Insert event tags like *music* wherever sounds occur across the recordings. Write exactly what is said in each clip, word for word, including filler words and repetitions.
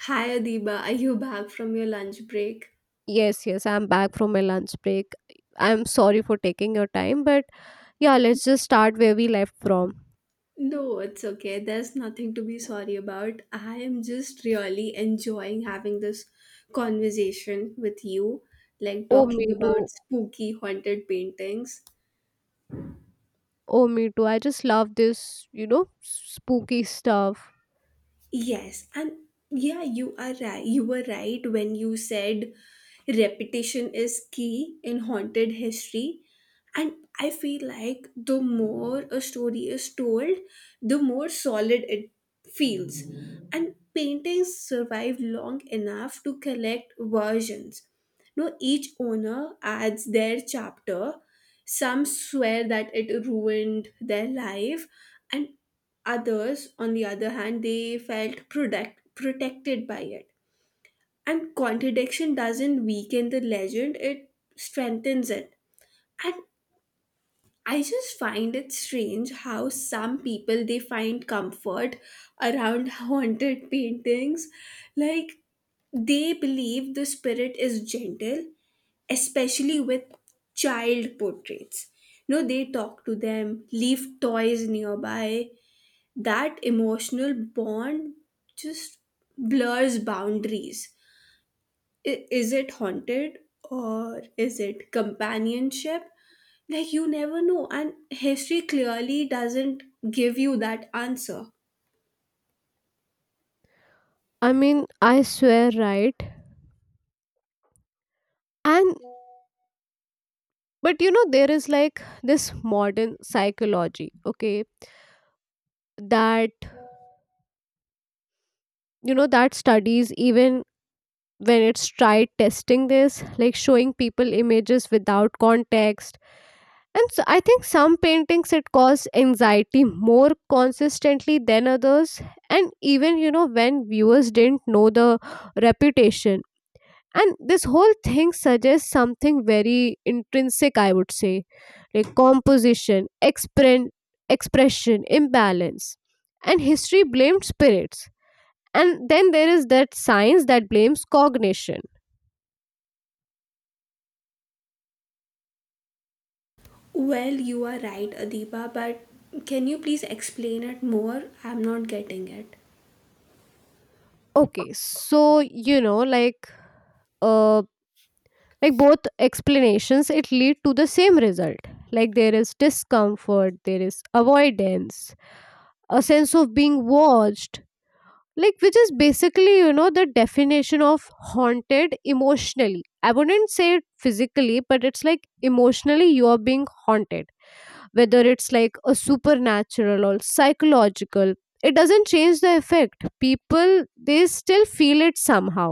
Hi Adiba, are you back from your lunch break? Yes, yes, I'm back from my lunch break. I'm sorry for taking your time, but yeah, let's just start where we left from. No, it's okay. There's nothing to be sorry about. I am just really enjoying having this conversation with you, like Oh, me talking about too. spooky haunted paintings. Oh, me too. I just love this, you know, spooky stuff. Yes, and yeah, you are right. You were right when you said repetition is key in haunted history. And I feel like the more a story is told, the more solid it feels. And paintings survive long enough to collect versions. No, each owner adds their chapter. Some swear that it ruined their life, and others, on the other hand, they felt product, protected by it. And contradiction doesn't weaken the legend, it strengthens it. And I just find it strange how some people they find comfort around *laughs* haunted paintings. Like they believe the spirit is gentle, especially with child portraits. No, they talk to them, leave toys nearby, that emotional bond just blurs boundaries. I- is it haunted or is it companionship? Like, you never know. And history clearly doesn't give you that answer. I mean, I swear, right? And, but you know, there is like this modern psychology, okay, that, you know, that studies even when it's tried testing this, like showing people images without context. And so I think some paintings it cause anxiety more consistently than others. And even, you know, when viewers didn't know the reputation. And this whole thing suggests something very intrinsic, I would say, like composition, expren- expression, imbalance. And history blamed spirits. And then there is that science that blames cognition. Well, you are right, Adiba, but can you please explain it more? I'm not getting it. Okay, so, you know, like. Uh, like both explanations, it lead to the same result. Like, there is discomfort, there is avoidance, a sense of being watched, like which is basically you know the definition of haunted emotionally. I wouldn't say it physically, but it's like emotionally you are being haunted, whether it's like a supernatural or psychological. It doesn't change the effect. People, they still feel it somehow.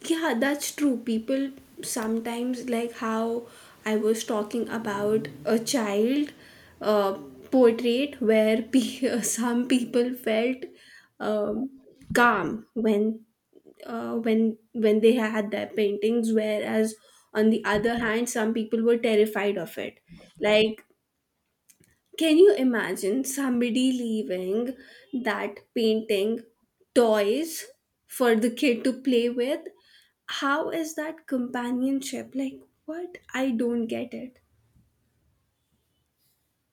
Yeah, that's true. People sometimes like how I was talking about a child uh, portrait where pe- *laughs* some people felt um, calm when uh, when when they had their paintings, whereas on the other hand, some people were terrified of it. Like can you imagine somebody leaving that painting toys for the kid to play with? How is that companionship? Like, what? I don't get it.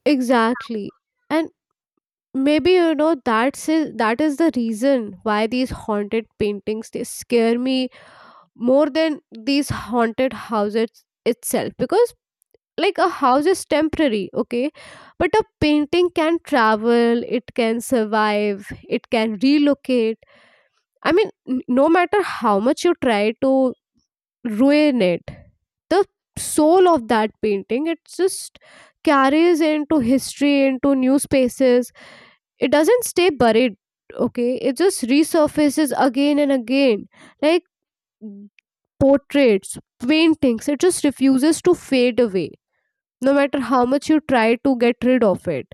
Exactly. And maybe you know that's it, that is the reason why these haunted paintings they scare me more than these haunted houses itself, because like a house is temporary, okay, but a painting can travel, it can survive, it can relocate. I mean, n- no matter how much you try to ruin it, the soul of that painting it just carries into history, into new spaces. It doesn't stay buried, okay, it just resurfaces again and again, like portraits, paintings, it just refuses to fade away no matter how much you try to get rid of it.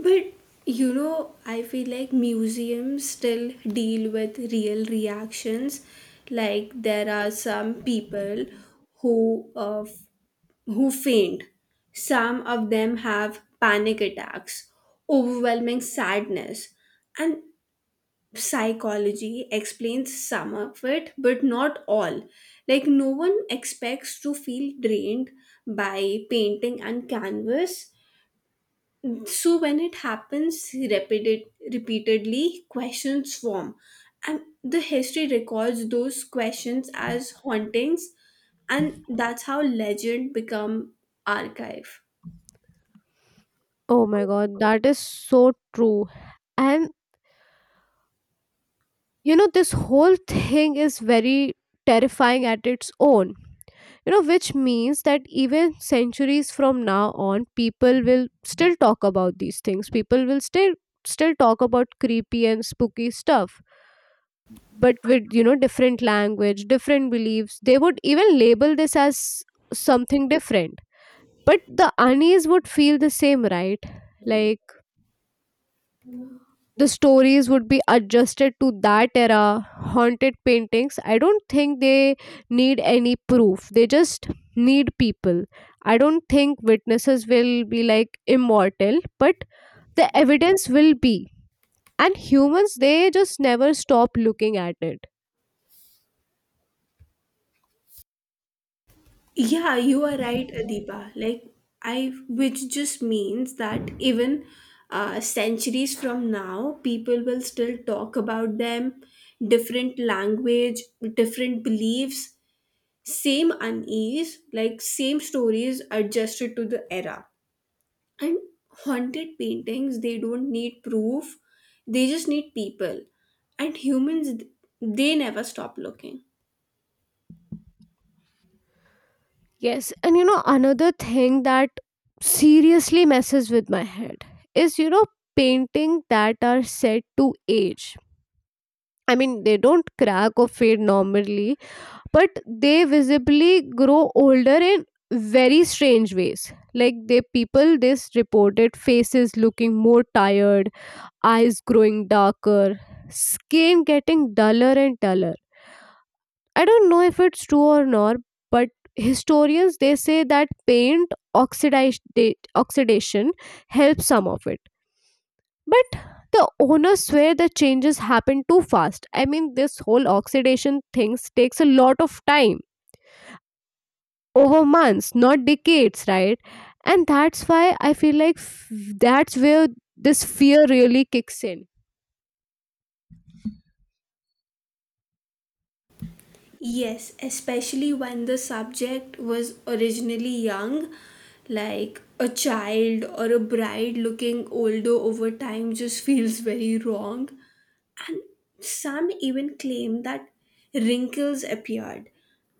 But you know, I feel like museums still deal with real reactions. Like, there are some people who uh, who faint. Some of them have panic attacks, overwhelming sadness, and psychology explains some of it but not all. Like no one expects to feel drained by painting and canvas, so when it happens repeated repeatedly, questions form, and the history records those questions as hauntings. And that's how legend become archive. Oh my god, that is so true. And you know this whole thing is very terrifying at its own, you know which means that even centuries from now on, people will still talk about these things, people will still still talk about creepy and spooky stuff, but with you know different language, different beliefs, they would even label this as something different. But the unease would feel the same, right? Like, the stories would be adjusted to that era. Haunted paintings, I don't think they need any proof, they just need people. I don't think witnesses will be like immortal, but the evidence will be. And humans, they just never stop looking at it. Yeah, you are right, Adiba. Like I, which just means that even uh, centuries from now, people will still talk about them, different language, different beliefs, same unease, like same stories adjusted to the era. And haunted paintings, they don't need proof; they just need people. And humans, they never stop looking. Yes, and you know, another thing that seriously messes with my head is, you know, painting that are set to age. I mean, they don't crack or fade normally, but they visibly grow older in very strange ways. Like, they people this reported faces looking more tired, eyes growing darker, skin getting duller and duller. I don't know if it's true or not, but historians they say that paint oxidized, oxidation helps some of it. But the owners swear the changes happen too fast. I mean, this whole oxidation things takes a lot of time, over months, not decades, right? And that's why I feel like f- that's where this fear really kicks in. Yes, especially when the subject was originally young, like a child or a bride looking older over time just *laughs* feels very wrong. And some even claim that wrinkles appeared,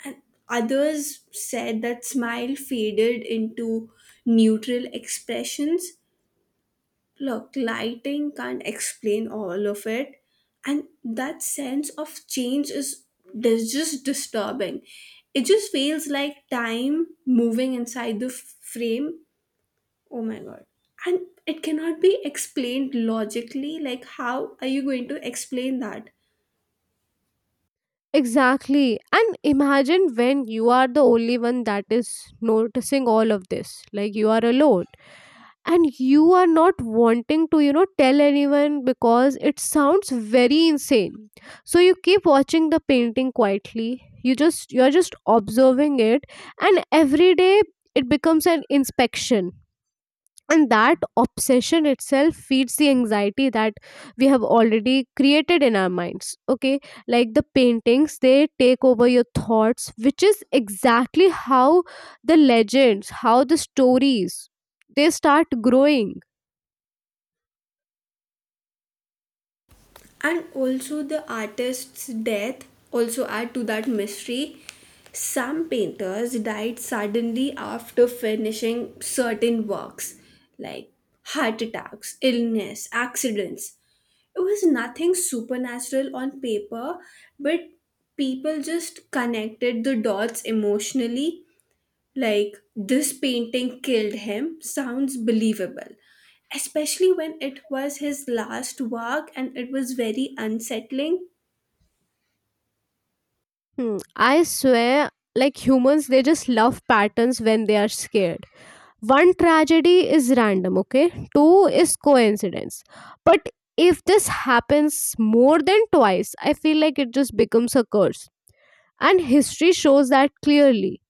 and others said that smile faded into neutral expressions. Look, lighting can't explain all of it, and that sense of change is dis- just disturbing. It just feels like time moving inside the f- frame. Oh my god. And it cannot be explained logically. Like, how are you going to explain that? Exactly. And imagine when you are the only one that is noticing all of this. Like, you are alone, and you are not wanting to you know tell anyone because it sounds very insane. So you keep watching the painting quietly, you just you're just observing it. And every day it becomes an inspection, and that obsession itself feeds the anxiety that we have already created in our minds, okay. Like, the paintings they take over your thoughts, which is exactly how the legends, how the stories, they start growing. And also the artist's death also add to that mystery. Some painters died suddenly after finishing certain works, like heart attacks, illness, accidents. It was nothing supernatural on paper, but people just connected the dots emotionally. Like "this painting killed him" sounds believable, especially when it was his last work and it was very unsettling. Hmm, I swear, like humans, they just love patterns when they are scared. One tragedy is random, okay? Two is coincidence. But if this happens more than twice, I feel like it just becomes a curse. And history shows that clearly.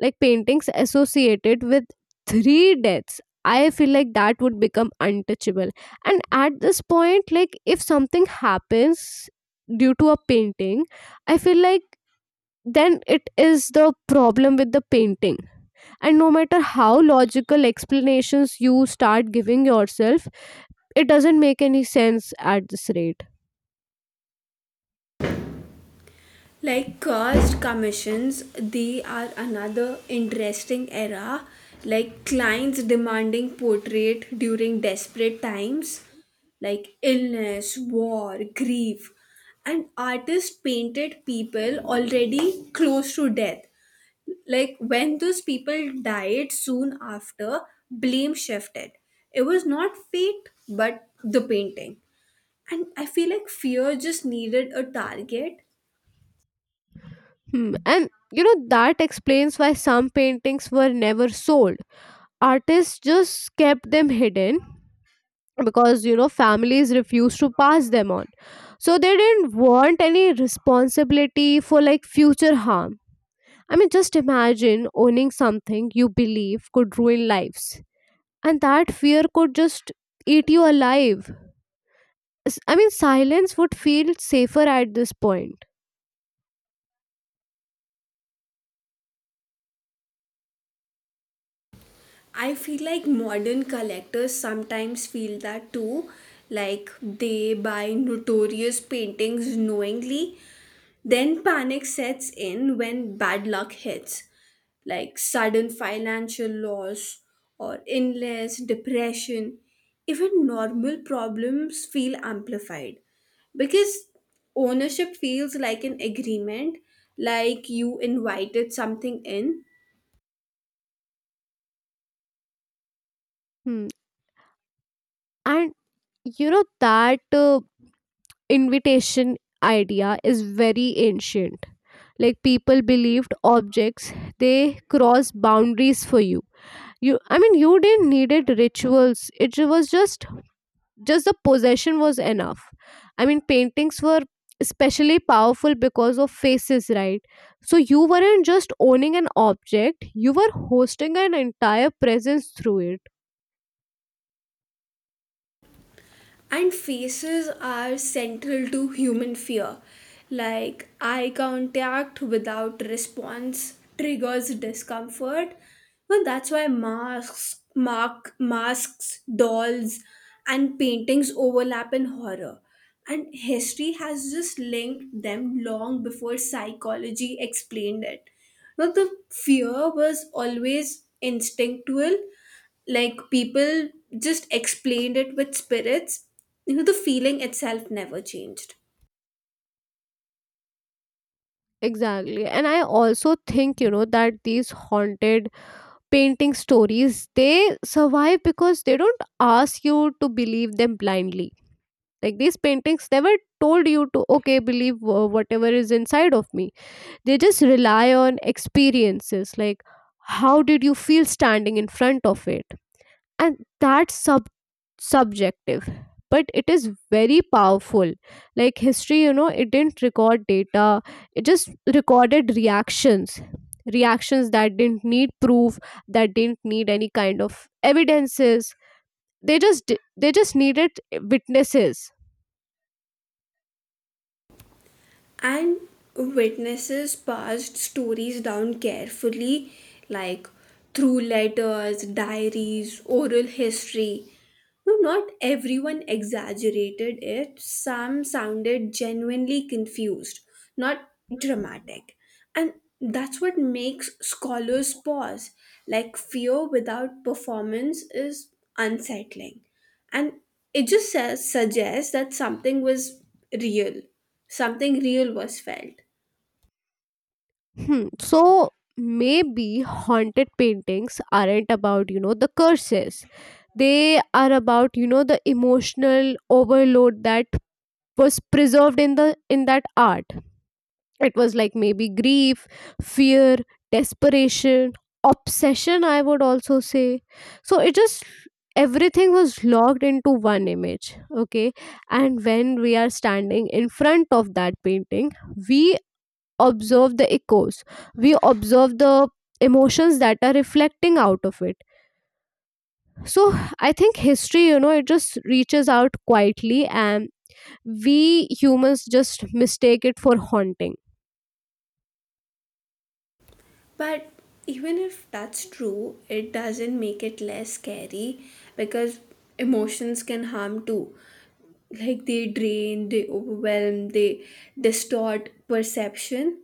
Like paintings associated with three deaths, I feel like that would become untouchable. And at this point, like if something happens due to a painting, I feel like then it is the problem with the painting, and no matter how logical explanations you start giving yourself, it doesn't make any sense at this rate. Like cursed commissions, they are another interesting era. Like clients demanding portrait during desperate times, like illness, war, grief. And artists painted people already close to death. Like when those people died soon after, blame shifted. It was not fate, but the painting. And I feel like fear just needed a target. Hmm. And you know, that explains why some paintings were never sold. Artists just kept them hidden because, you know, families refused to pass them on. So they didn't want any responsibility for like future harm. I mean, just imagine owning something you believe could ruin lives. And that fear could just eat you alive. s- I mean, silence would feel safer at this point. I feel like modern collectors sometimes feel that too. Like they buy notorious paintings knowingly. Then panic sets in when bad luck hits, like sudden financial loss or illness, depression. Even normal problems feel amplified because ownership feels like an agreement, like you invited something in. Hmm. And you know, that uh, invitation idea is very ancient. Like, people believed objects, they cross boundaries for you. You, I mean, you didn't needed rituals. It was just, just the possession was enough. I mean, paintings were especially powerful because of faces, right? So you weren't just owning an object, you were hosting an entire presence through it. And faces are central to human fear. Like eye contact without response triggers discomfort. Well, that's why masks, mark, masks, dolls, and paintings overlap in horror. And history has just linked them long before psychology explained it. Now, the fear was always instinctual. Like people just explained it with spirits. You know, the feeling itself never changed. Exactly. And I also think, you know, that these haunted painting stories, they survive because they don't ask you to believe them blindly. Like, these paintings never told you to, okay, believe uh, whatever is inside of me. They just rely on experiences. Like, how did you feel standing in front of it? And that's sub subjective. But it is very powerful. Like history, you know it didn't record data, it just recorded reactions, reactions that didn't need proof, that didn't need any kind of evidences. They just di- they just needed witnesses. And witnesses passed stories down carefully, like through letters, diaries, oral history. No, not everyone exaggerated it. Some sounded genuinely confused, not dramatic. And that's what makes scholars pause. Like fear without performance is unsettling, and it just says, suggests that something was real, something real was felt. Hmm. So maybe haunted paintings aren't about you know the curses, they are about you know the emotional overload that was preserved in the in that art. It was like maybe grief, fear, desperation, obsession, I would also say. So it just, everything was logged into one image, okay. And when we are standing in front of that painting, we observe the echoes, we observe the emotions that are reflecting out of it. So I think history, you know it just reaches out quietly, and we humans just mistake it for haunting. But even if that's true, it doesn't make it less scary, because emotions can harm too. Like they drain, they overwhelm, they distort perception.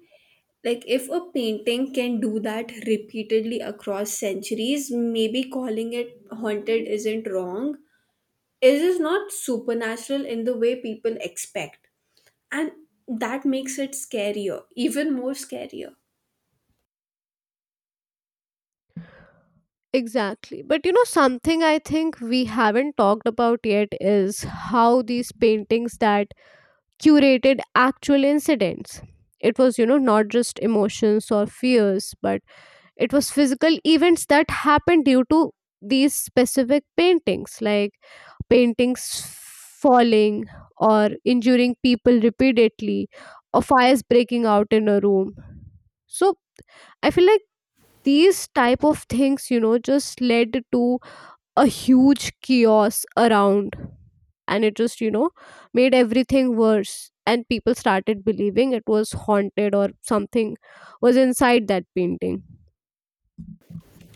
Like if a painting can do that repeatedly across centuries, maybe calling it haunted isn't wrong. It is not supernatural in the way people expect, and that makes it scarier, even more scarier. Exactly. But you know something, I think we haven't talked about yet is how these paintings that curated actual incidents. It was, you know not just emotions or fears, but it was physical events that happened due to these specific paintings, like paintings falling, or injuring people repeatedly, or fires breaking out in a room. So I feel like these type of things, you know just led to a huge chaos around, and it just you know made everything worse, and people started believing it was haunted or something was inside that painting.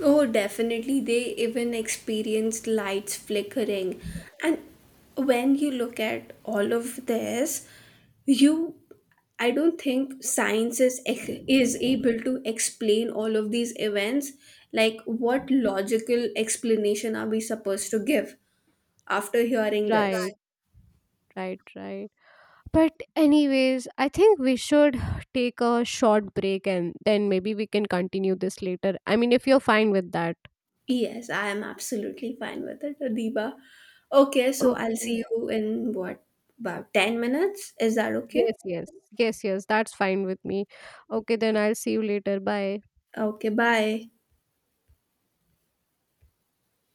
Oh, definitely. They even experienced lights flickering. And when you look at all of this, you, I don't think science is ec- is able to explain all of these events. Like what logical explanation are we supposed to give after hearing this? Right. Right, right. But, anyways, I think we should take a short break, and then maybe we can continue this later. I mean, if you're fine with that. Yes, I am absolutely fine with it, Adiba. Okay, so I'll see Okay. you in what, about ten minutes? Is that Yes, okay? yes. Yes, yes. That's fine with me. Okay, then I'll see you later. Bye. Okay, bye.